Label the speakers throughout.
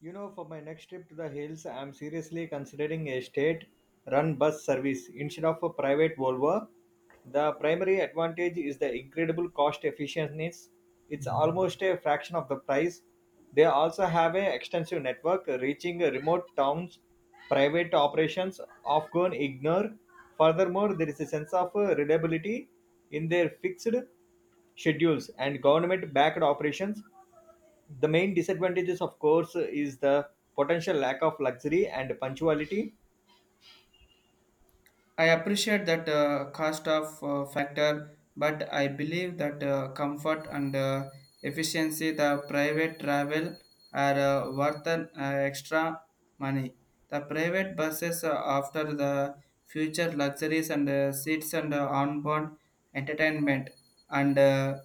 Speaker 1: You know, for my next trip to the hills, I am seriously considering a state run bus service instead of a private Volvo. The primary advantage is the incredible cost efficiency. It's almost a fraction of the price. They also have an extensive network reaching remote towns, private operations often ignore. Furthermore, there is a sense of reliability in their fixed schedules and government backed operations. The main disadvantages of course is the potential lack of luxury and punctuality.
Speaker 2: I appreciate that cost of factor, but I believe that comfort and efficiency, the private travel are worth an extra money. The private buses after the future luxuries and seats and onboard entertainment and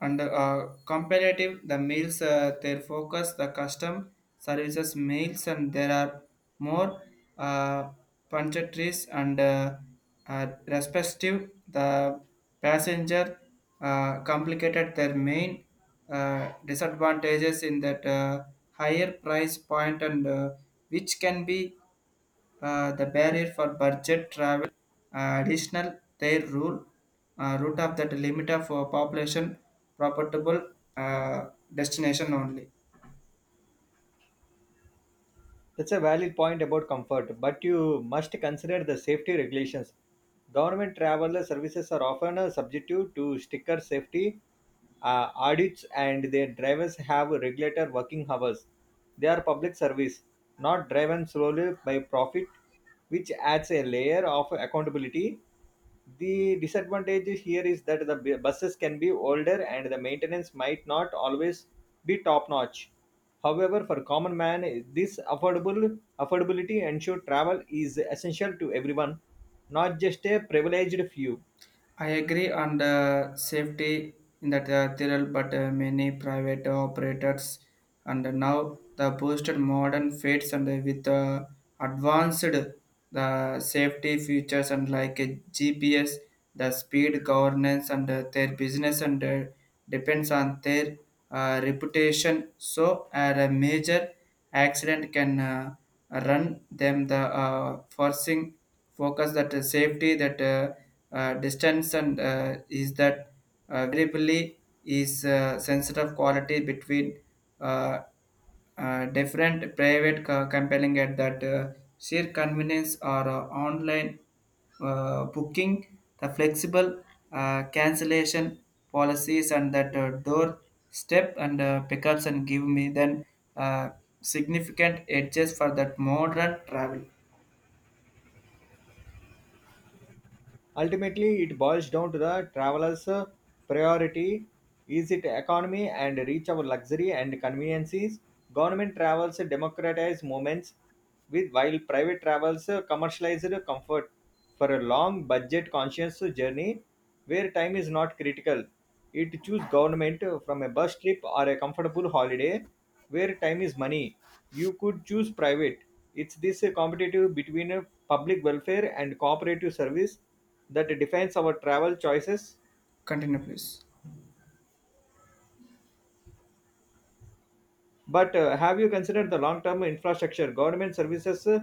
Speaker 2: under comparative, the meals, their focus, the custom services meals, and there are more uh, punctatories and respective the passenger complicated their main disadvantages in that higher price point and which can be the barrier for budget travel, additional their rule, route of that limit of population, profitable destination only.
Speaker 1: That's a valid point about comfort, but you must consider the safety regulations. Government travel services are often subjective to sticker safety audits, and their drivers have regulated working hours. They are public service, not driven solely by profit, which adds a layer of accountability. The disadvantage here is that the buses can be older and the maintenance might not always be top notch. However, for common man, this affordable affordability ensure travel is essential to everyone, not just a privileged few.
Speaker 2: I agree on the safety in the but many private operators and now the boosted modern fits and with advanced the safety features and like a GPS, the speed governance and their business and depends on their reputation. So a major accident can run them the forcing focus that safety that distance and is that variably is sensitive quality between uh, different private compelling at that sheer convenience or online booking the flexible cancellation policies and that door step and pickups and give me then uh, significant edges for that modern travel.
Speaker 1: Ultimately, it boils down to the traveler's priority. Is it economy and reach of luxury and conveniences? Government travels democratize movements with while private travels commercialized comfort for a long budget conscious journey where time is not critical it choose government from a bus trip or a comfortable holiday where time is money you could choose private. It's this competitive between public welfare and cooperative service that defines our travel choices.
Speaker 2: Continue, please.
Speaker 1: But have you considered the long-term infrastructure? Government services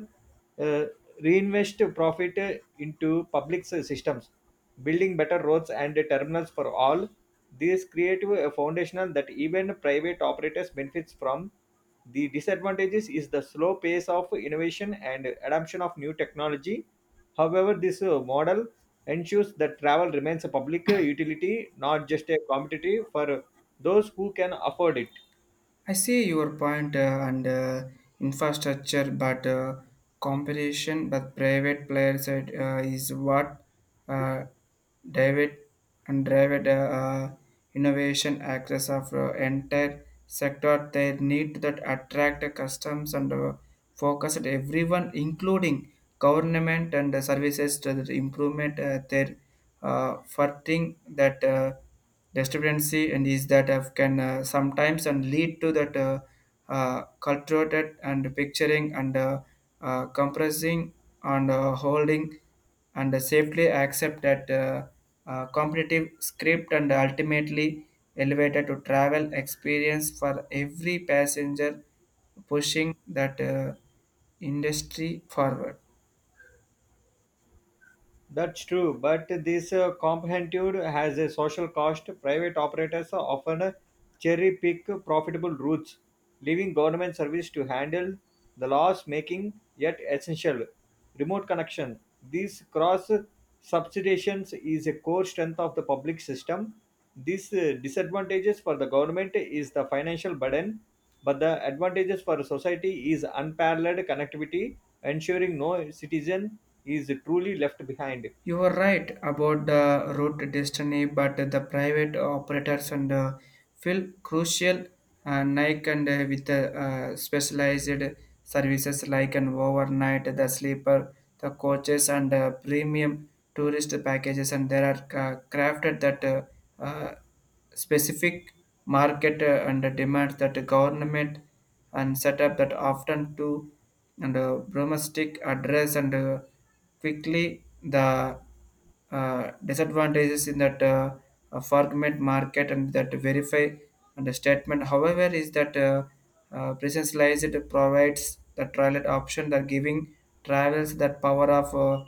Speaker 1: uh, reinvest profit into public systems, building better roads and terminals for all. These create a foundation that even private operators benefits from. The disadvantages is the slow pace of innovation and adoption of new technology. However, this model ensures that travel remains a public utility, not just a commodity for those who can afford it.
Speaker 2: I see your point and infrastructure, but competition with private players is what uh, David and David innovation access of entire sector. They need that attract the customs and focus at everyone, including government and the services to the improvement their for thing that. Discrepancy and is that have can sometimes and lead to that cultivated and picturing and compressing and holding and safely accept that competitive script and ultimately elevated to travel experience for every passenger pushing that industry forward.
Speaker 1: That's true, but this comprehensive has a social cost. Private operators often cherry pick profitable routes, leaving government service to handle the loss making yet essential. Remote connection. This cross subsidiations is a core strength of the public system. This disadvantages for the government is the financial burden, but the advantages for society is unparalleled connectivity, ensuring no citizen is truly left behind.
Speaker 2: You were right about the route destiny, but the private operators and feel crucial. Nike and with the specialized services like an overnight, the sleeper, the coaches, and premium tourist packages, and there are crafted that uh, specific market and the demand that the government and setup that often to and domestic address and quickly the disadvantages in that fragment market and that verify and the statement however is that uh, lies it provides the trial option that giving travels that power of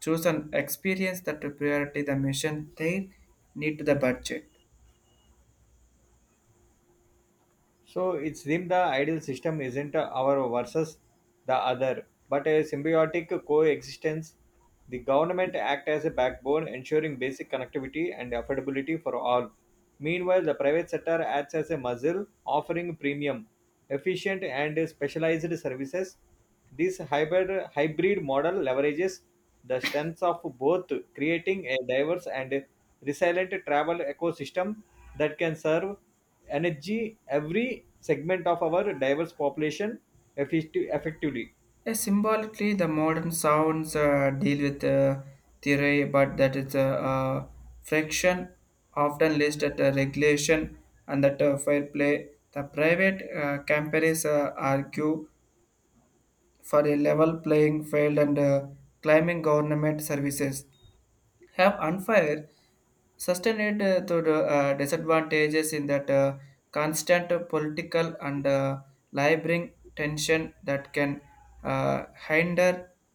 Speaker 2: choose an experience that to priority the mission they need to the budget.
Speaker 1: So it seems the ideal system isn't our versus the other, but a symbiotic coexistence. The government act as a backbone, ensuring basic connectivity and affordability for all. Meanwhile, the private sector acts as a muscle, offering premium, efficient, and specialized services. This hybrid model leverages the strengths of both, creating a diverse and resilient travel ecosystem that can serve energy every segment of our diverse population effectively.
Speaker 2: Yeah, symbolically, the modern sounds deal with theory, but that is a friction, often list at a regulation and that fair play. The private companies argue for a level playing field and claiming government services have unfair sustained to the disadvantages in that constant political and laboring tension that can hinder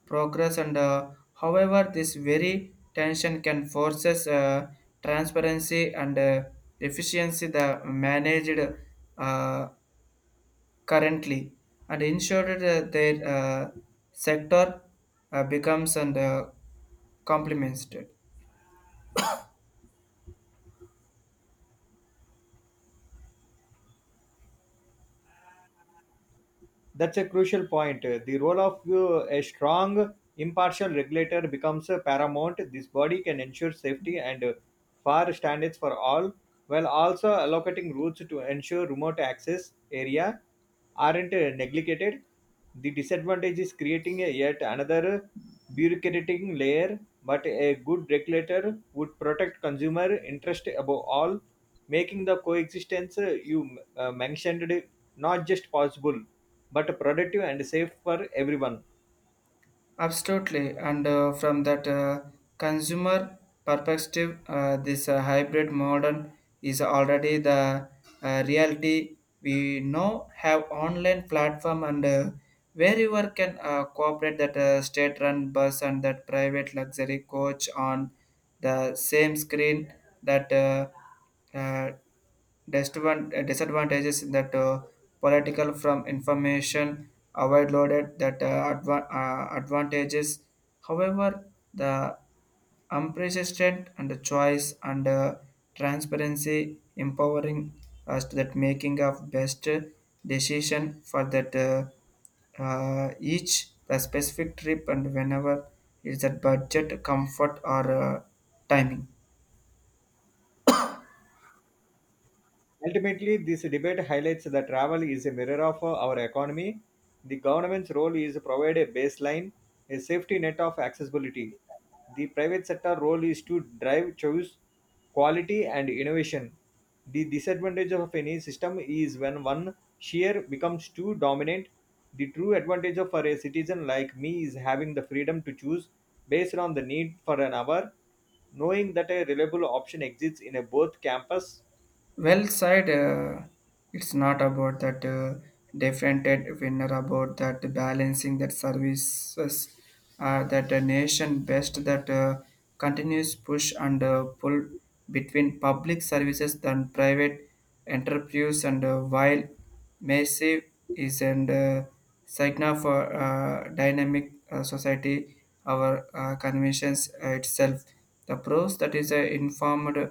Speaker 2: progress and however this very tension can forces transparency and efficiency the managed uh, currently and ensured that their sector becomes and complements it.
Speaker 1: That's a crucial point. The role of a strong, impartial regulator becomes paramount. This body can ensure safety and fair standards for all, while also allocating routes to ensure remote access area aren't neglected. The disadvantage is creating a yet another bureaucratic layer, but a good regulator would protect consumer interest above all, making the coexistence you mentioned not just possible but productive and safe for everyone.
Speaker 2: Absolutely, and from that consumer perspective, this hybrid modern is already the reality. We now have online platform and wherever can cooperate that state-run bus and that private luxury coach on the same screen that uh, disadvantages in that political from information overloaded that advantages. However, the unprecedented and the choice and transparency empowering us to that making of best decision for that each the specific trip and whenever is that budget comfort or timing.
Speaker 1: Ultimately, this debate highlights that travel is a mirror of our economy. The government's role is to provide a baseline, a safety net of accessibility. The private sector role is to drive choice, quality, and innovation. The disadvantage of any system is when one share becomes too dominant. The true for a citizen like me is having the freedom to choose based on the need for an hour, knowing that a reliable option exists in a both campus.
Speaker 2: Well said. It's not about that defended winner, about that balancing that services that a nation best that continues push and pull between public services than private enterprise and while massive is and sign for dynamic society our conventions itself the pros that is informed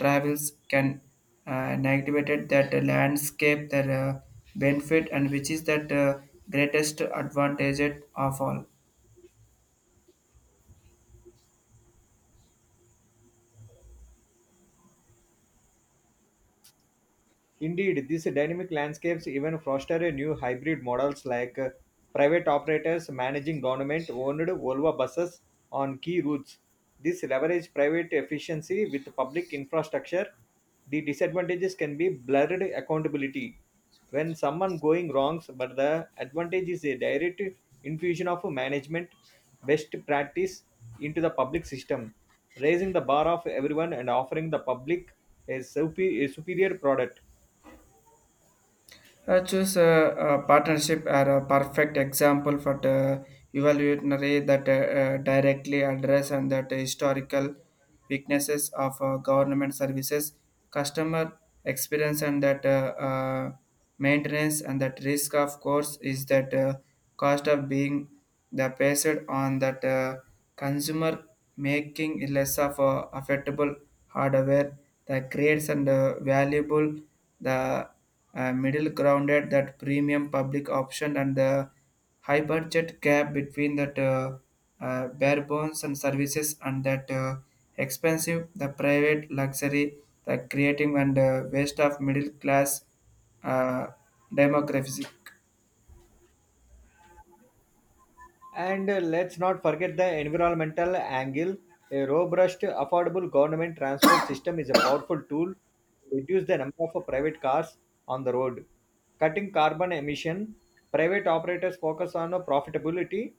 Speaker 2: travels can negativate that landscape that benefit and which is that greatest advantage of all.
Speaker 1: Indeed, these dynamic landscapes even foster new hybrid models like private operators managing government owned Volvo buses on key routes. This leverage private efficiency with public infrastructure. The disadvantages can be blurred accountability when someone going wrongs, but the advantage is a direct infusion of management best practice into the public system, raising the bar of everyone and offering the public a superior product.
Speaker 2: Choose a partnership are a perfect example for the evolutionary that directly address and that historical weaknesses of government services, customer experience, and that maintenance and that risk. Of course, is that cost of being the based on that consumer making it less of a affordable hardware that creates and valuable the middle grounded that premium public option and the high budget gap between that bare bones and services and that expensive the private luxury the creating and waste of middle class uh, demographic.
Speaker 1: And let's not forget the environmental angle. A robust, affordable government transport system is a powerful tool to reduce the number of private cars on the road. Cutting carbon emission, private operators focus on profitability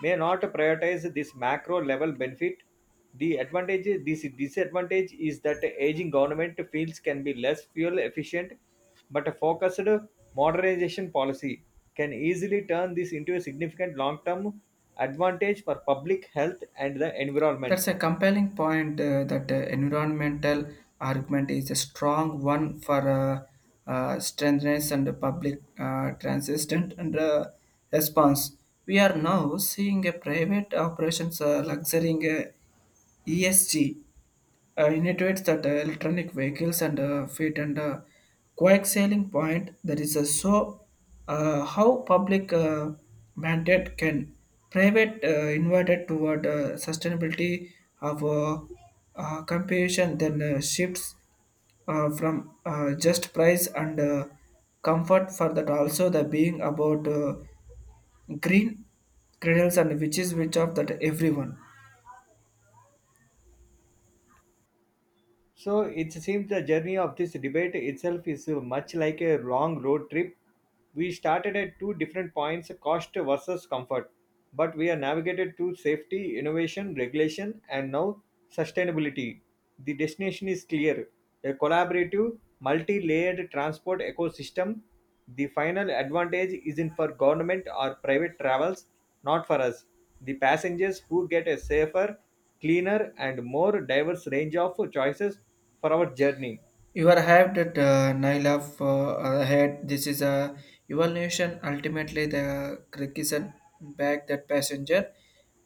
Speaker 1: may not prioritize this macro level benefit. The advantage, this disadvantage is that aging government fields can be less fuel efficient, but a focused modernization policy can easily turn this into a significant long term advantage for public health and the environment.
Speaker 2: That's a compelling point that environmental argument is a strong one for strengthness and public transistent and response. We are now seeing a private operations luxurying ESG initiates that electronic vehicles and fleet and quick sailing point that is so how public mandate can private invited toward sustainability of competition then shifts from just price and comfort for that also the being about green cradles and which is which of that everyone.
Speaker 1: So it seems the journey of this debate itself is much like a long road trip. We started at two different points cost versus comfort, but we are navigated to safety, innovation, regulation, and now sustainability. The destination is clear a collaborative, multi layered transport ecosystem. The final advantage isn't for government or private travels, not for us. The passengers who get a safer cleaner and more diverse range of choices for our journey.
Speaker 2: You are hyped at Naila for ahead. This is a evaluation. Ultimately, the criticism back that passenger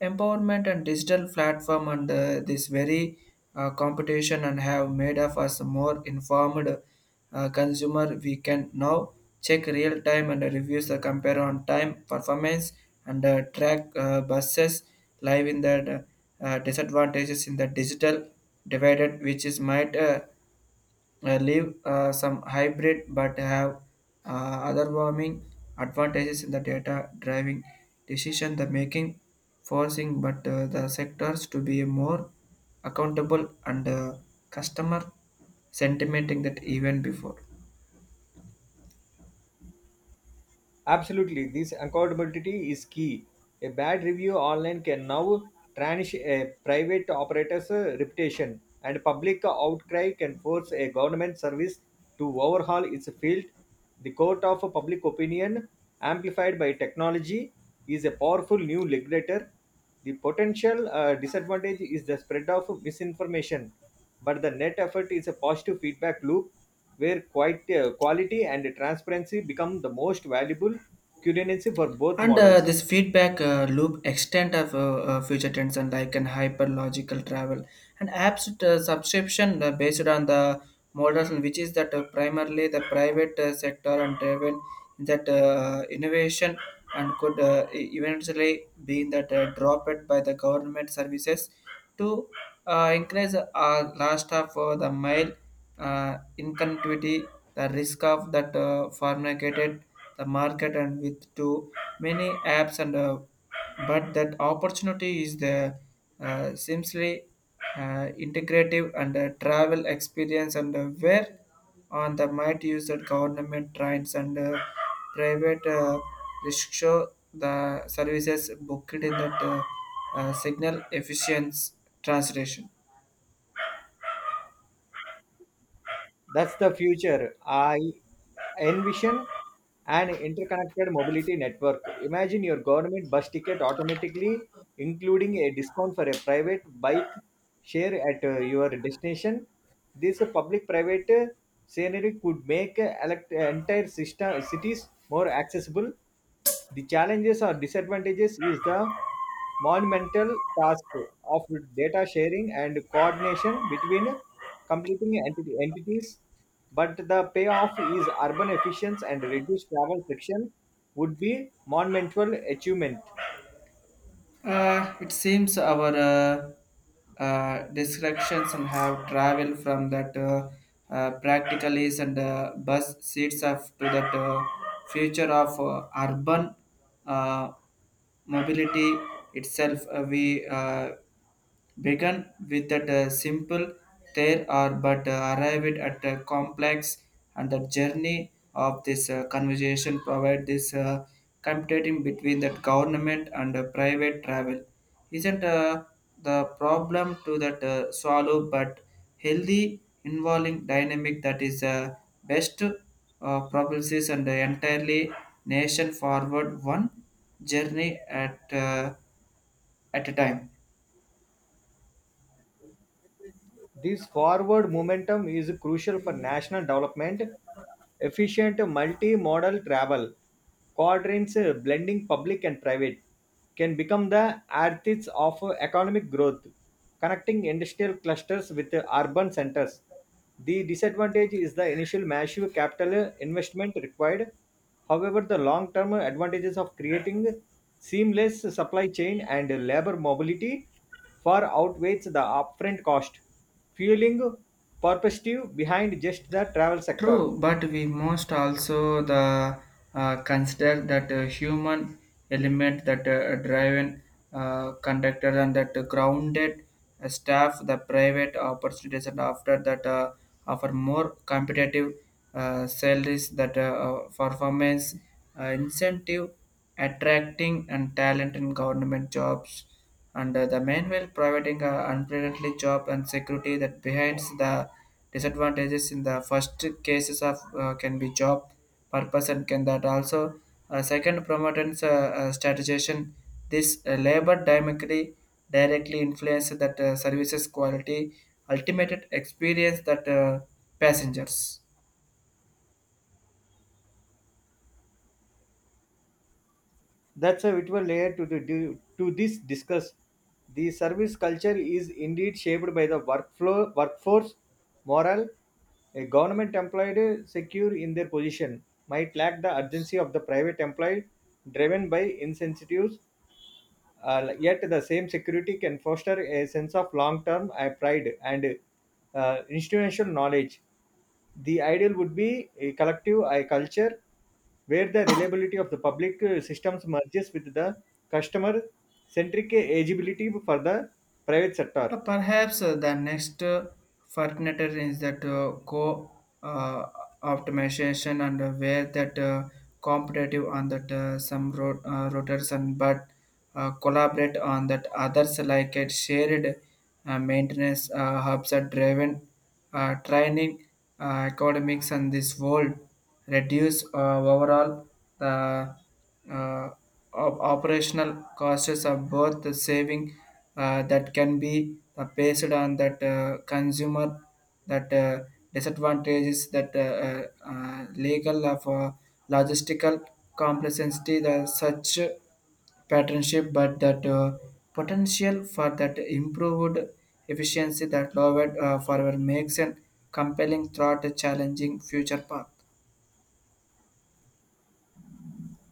Speaker 2: empowerment and digital platform and this very competition and have made of us more informed consumer. We can now check real time and reviews the compare on time performance and track buses live in the disadvantages in the digital divided, which is might. Leave some hybrid but have other warming advantages in the data driving decision the making forcing but the sectors to be more accountable and customer sentimenting that even before.
Speaker 1: Absolutely, this accountability is key. A bad review online can now tarnish a private operator's reputation, and public outcry can force a government service to overhaul its field. The court of public opinion, amplified by technology, is a powerful new regulator. The potential disadvantage is the spread of misinformation, but the net effect is a positive feedback loop where quality and transparency become the most valuable currency for both
Speaker 2: And
Speaker 1: models.
Speaker 2: this feedback loop extent of future trends and like an hyperlogical travel and apps subscription based on the model which is that primarily the private sector and driven that innovation and could eventually be that dropped by the government services to increase last of the mile incongruity the risk of that fornicated the market and with to many apps and but that opportunity is the simply integrative and travel experience and where on the might use that government trains and private risk show the services booked in that signal efficient translation.
Speaker 1: That's the future. I envision an interconnected mobility network. Imagine your government bus ticket automatically including a discount for a private bike share at your destination. This public private scenery could make entire system, cities more accessible. The challenges or disadvantages is the monumental task of data sharing and coordination between competing entities, but the payoff is urban efficiency and reduced travel friction would be monumental achievement.
Speaker 2: It seems our descriptions and have traveled from that practicalities and bus seats of to that future of urban uh, mobility itself. We began with that simple there are but arrived at a complex and the journey of this conversation provide this competing between that government and private travel isn't the problem to that swallow but healthy involving dynamic that is best propulses and the entirely nation forward one journey at a time.
Speaker 1: This forward momentum is crucial for national development, efficient multi-modal travel, quadrants blending public and private can become the arteries of economic growth, connecting industrial clusters with urban centers. The disadvantage is the initial massive capital investment required. However, the long term advantages of creating seamless supply chain and labor mobility far outweighs the upfront cost fueling perspective behind just the travel sector.
Speaker 2: True, but we must also the consider that human element that driven conductor and that grounded staff, the private opportunities, and after that offer more competitive salaries that performance incentive, attracting and talent in government jobs and the manual providing unpredictable job and security that behinds the disadvantages in the first cases of can be job purpose and can that also second promotions strategization this labor dynamically directly influence that services quality ultimate experience that passengers.
Speaker 1: That's a vital layer to this discuss. The service culture is indeed shaped by the workflow, workforce morale. A government employed secure in their position might lack the urgency of the private employed driven by incentives. Yet the same security can foster a sense of long-term pride and institutional knowledge. The ideal would be a collective culture where the reliability of the public systems merges with the customer-centric agibility for the private sector.
Speaker 2: Perhaps the next frontier is that co uh, optimization and where that competitive on that some routers and but collaborate on that others like it shared maintenance hubs are driven training uh, academics and this world reduce overall the uh, operational costs of both the saving that can be based on that consumer that disadvantages that legal of logistical complexity the such patternship but that potential for that improved efficiency that lowered forward makes a compelling thought a challenging future path.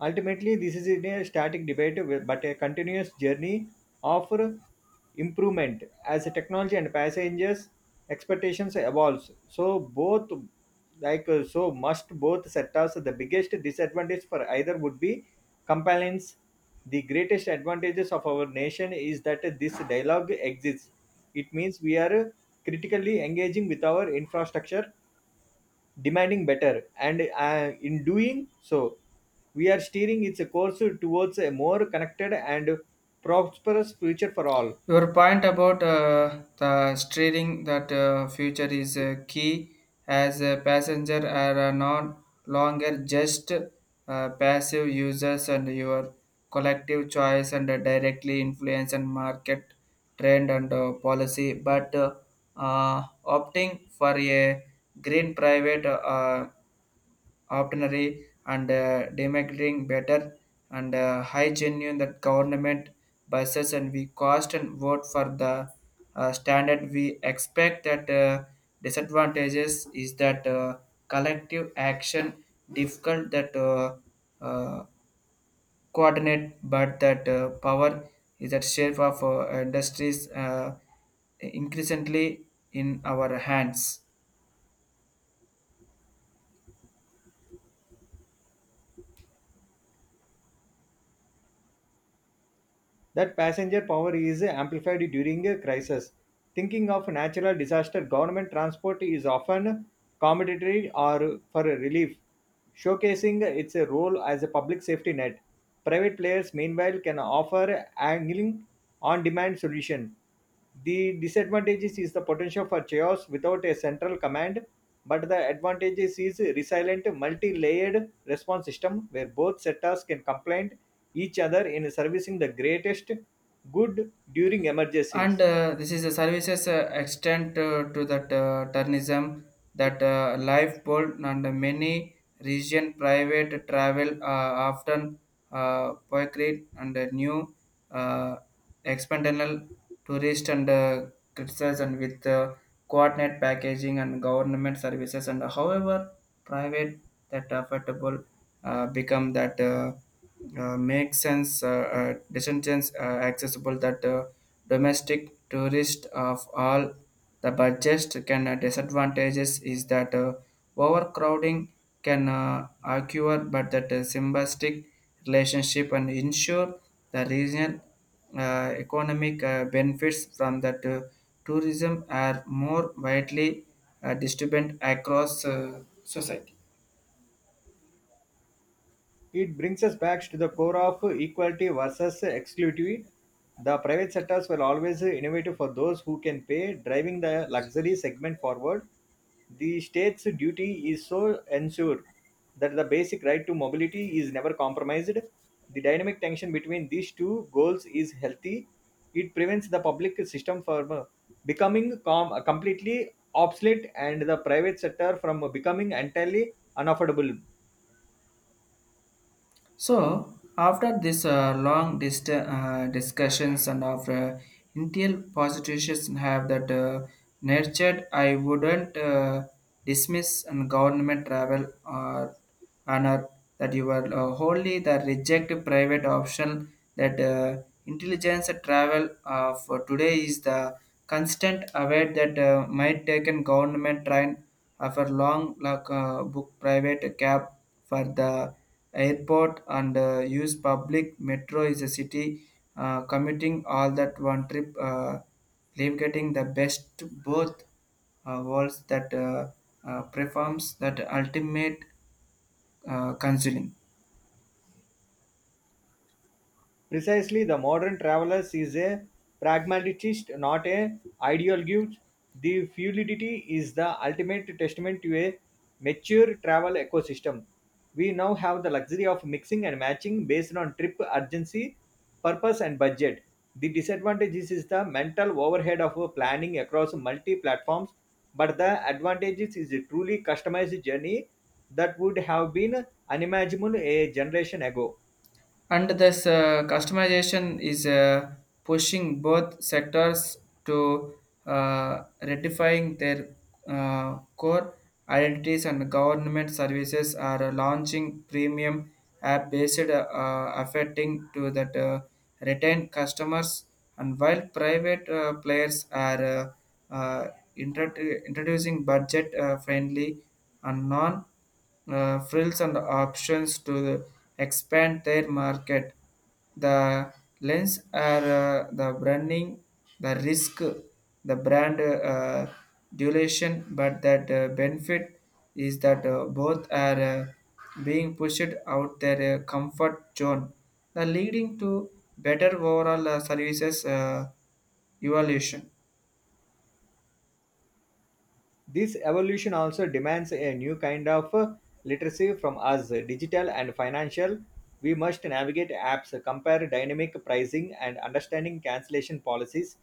Speaker 1: Ultimately, this is in a static debate, but a continuous journey of improvement as the technology and passengers' expectations evolves. So both, must both sectors. The biggest disadvantage for either would be compliance. The greatest advantages of our nation is that this dialogue exists. It means we are critically engaging with our infrastructure demanding better, and in doing so, we are steering its course towards a more connected and prosperous future for all.
Speaker 2: Your point about the steering that future is key as a passenger are no longer just passive users and your collective choice and directly influence and market trend and policy but opting for a green private ordinary and democratic better and high genuine that government buses and we cost and vote for the standard we expect that disadvantages is that collective action difficult that uh, coordinate but that power is that shape of industries increasingly in our hands.
Speaker 1: That passenger power is amplified during a crisis. Thinking of natural disaster, government transport is often commodity or for relief, showcasing its role as a public safety net. Private players, meanwhile, can offer angling on demand solution. The disadvantages is the potential for chaos without a central command, but the advantages is resilient multi-layered response system where both sectors can complement each other in servicing the greatest good during
Speaker 2: and
Speaker 1: emergencies.
Speaker 2: uh, this is the services extent to that tourism that lifeboat and many region private travel often poetry and a new uh, external tourist and criticized and with coordinate packaging and government services and however private that affordable become that make sense descendants, accessible that domestic tourist of all the budget can, disadvantages is that overcrowding can occur, but that symbiotic relationship and ensure the regional economic benefits from that tourism are more widely distributed across society.
Speaker 1: It brings us back to the core of equality versus exclusivity. The private sectors were always innovative for those who can pay, driving the luxury segment forward. The state's duty is so ensure that the basic right to mobility is never compromised. The dynamic tension between these two goals is healthy. It prevents the public system from becoming completely obsolete and the private sector from becoming entirely unaffordable.
Speaker 2: So after this discussions and after Intel politicians have that nurtured, I wouldn't dismiss and government travel or honor that you were wholly the reject private option that intelligence travel for today is the constant aware that might take an government train after long, like, book private cab for the airport and use public metro is a city commuting all that one trip, leave getting the best both worlds that performs that ultimate counseling.
Speaker 1: Precisely, the modern traveler is a pragmatist, not an ideologue. The fluidity is the ultimate testament to a mature travel ecosystem. We now have the luxury of mixing and matching based on trip urgency, purpose, and budget. The disadvantage is the mental overhead of planning across multi platforms, but the advantages is a truly customized journey that would have been unimaginable a generation ago.
Speaker 2: And this customization is pushing both sectors to ratifying their core identities, and government services are launching premium app based affecting to that retain customers. And while private players are uh, introducing budget friendly and non frills and options to expand their market. The lens are the branding, the risk, the brand duration, but that benefit is that both are being pushed out their comfort zone, the leading to better overall services evaluation.
Speaker 1: This evolution also demands a new kind of literacy from us, digital and financial. We must navigate apps, compare dynamic pricing, and understanding cancellation policies.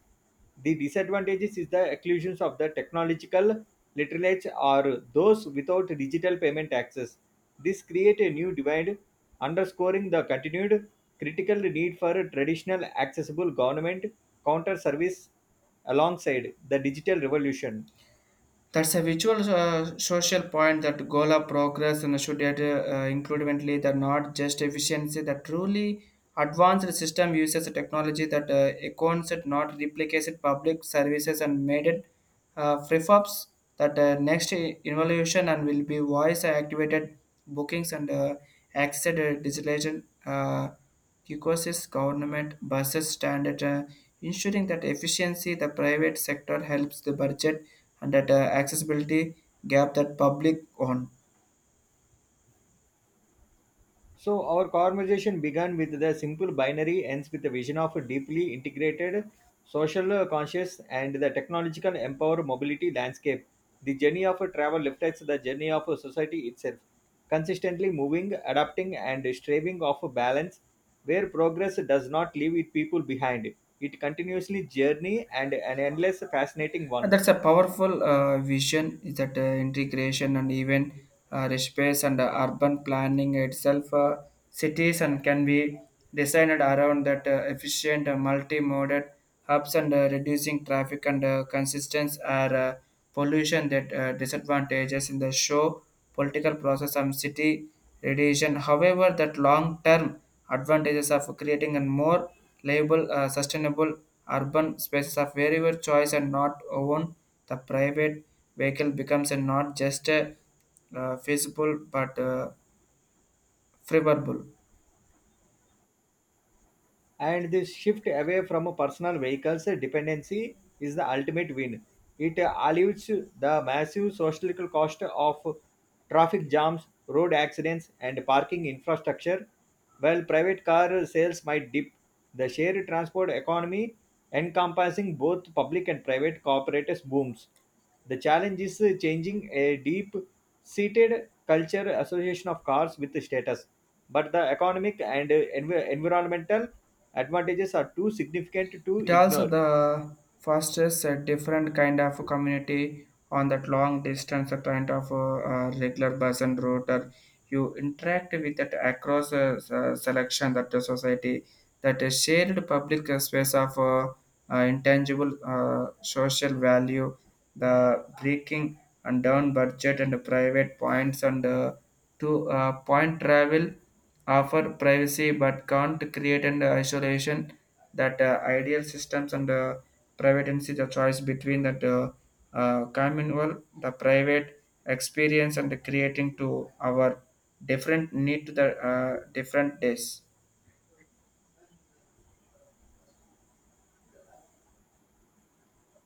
Speaker 1: The disadvantages is the exclusions of the technological literates or those without digital payment access. This create a new divide, underscoring the continued critical need for traditional accessible government counter service alongside the digital revolution.
Speaker 2: That's a visual social point that goal of progress and should add, include eventually that not just efficiency, that truly advanced system uses a technology that accounts it not replicates it public services and made it prefabs that next evolution and will be voice activated bookings and access digitalization. Caucasia's government buses stand at ensuring that efficiency the private sector helps the budget and that accessibility gap that public owned.
Speaker 1: So, our conversation began with the simple binary, ends with the vision of a deeply integrated, social conscious, and the technological empowered mobility landscape. The journey of a travel reflects the journey of a society itself, consistently moving, adapting, and striving of a balance where progress does not leave its people behind. It continuously journey and an endless fascinating
Speaker 2: And
Speaker 1: one.
Speaker 2: that's a powerful vision is that integration and even space and urban planning itself. Cities and can be designed around that efficient multi-modal hubs and reducing traffic and consistence are pollution that disadvantages in the show political process and city radiation, however, that long-term advantages of creating a more livable sustainable urban spaces of wherever choice and not own, the private vehicle becomes a not just a feasible but favorable.
Speaker 1: And this shift away from personal vehicles dependency is the ultimate win. It alleviates the massive social cost of traffic jams, road accidents, and parking infrastructure. While private car sales might dip, the shared transport economy encompassing both public and private cooperators booms. The challenge is changing a deep seated culture association of cars with status, but the economic and environmental advantages are too significant to
Speaker 2: It also
Speaker 1: ignore.
Speaker 2: the fosters a different kind of a community on that long distance kind of regular bus and router. You interact with that across a selection that the society that a shared public space of intangible social value, the breaking and down budget and private points and to point travel offer privacy but can't create an isolation that ideal systems and privacy the choice between that communal the private experience and the creating to our different need to the different days.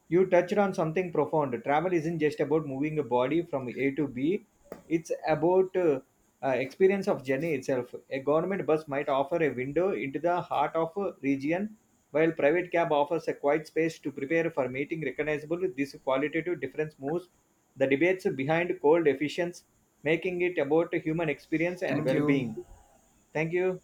Speaker 1: You touched on something profound. Travel isn't just about moving a body from A to B, it's about experience of journey itself. A government bus might offer a window into the heart of a region, while private cab offers a quiet space to prepare for meeting recognizable. This qualitative difference moves the debates behind cold efficiency, making it about human experience and
Speaker 2: Thank you.
Speaker 1: well-being. Thank you.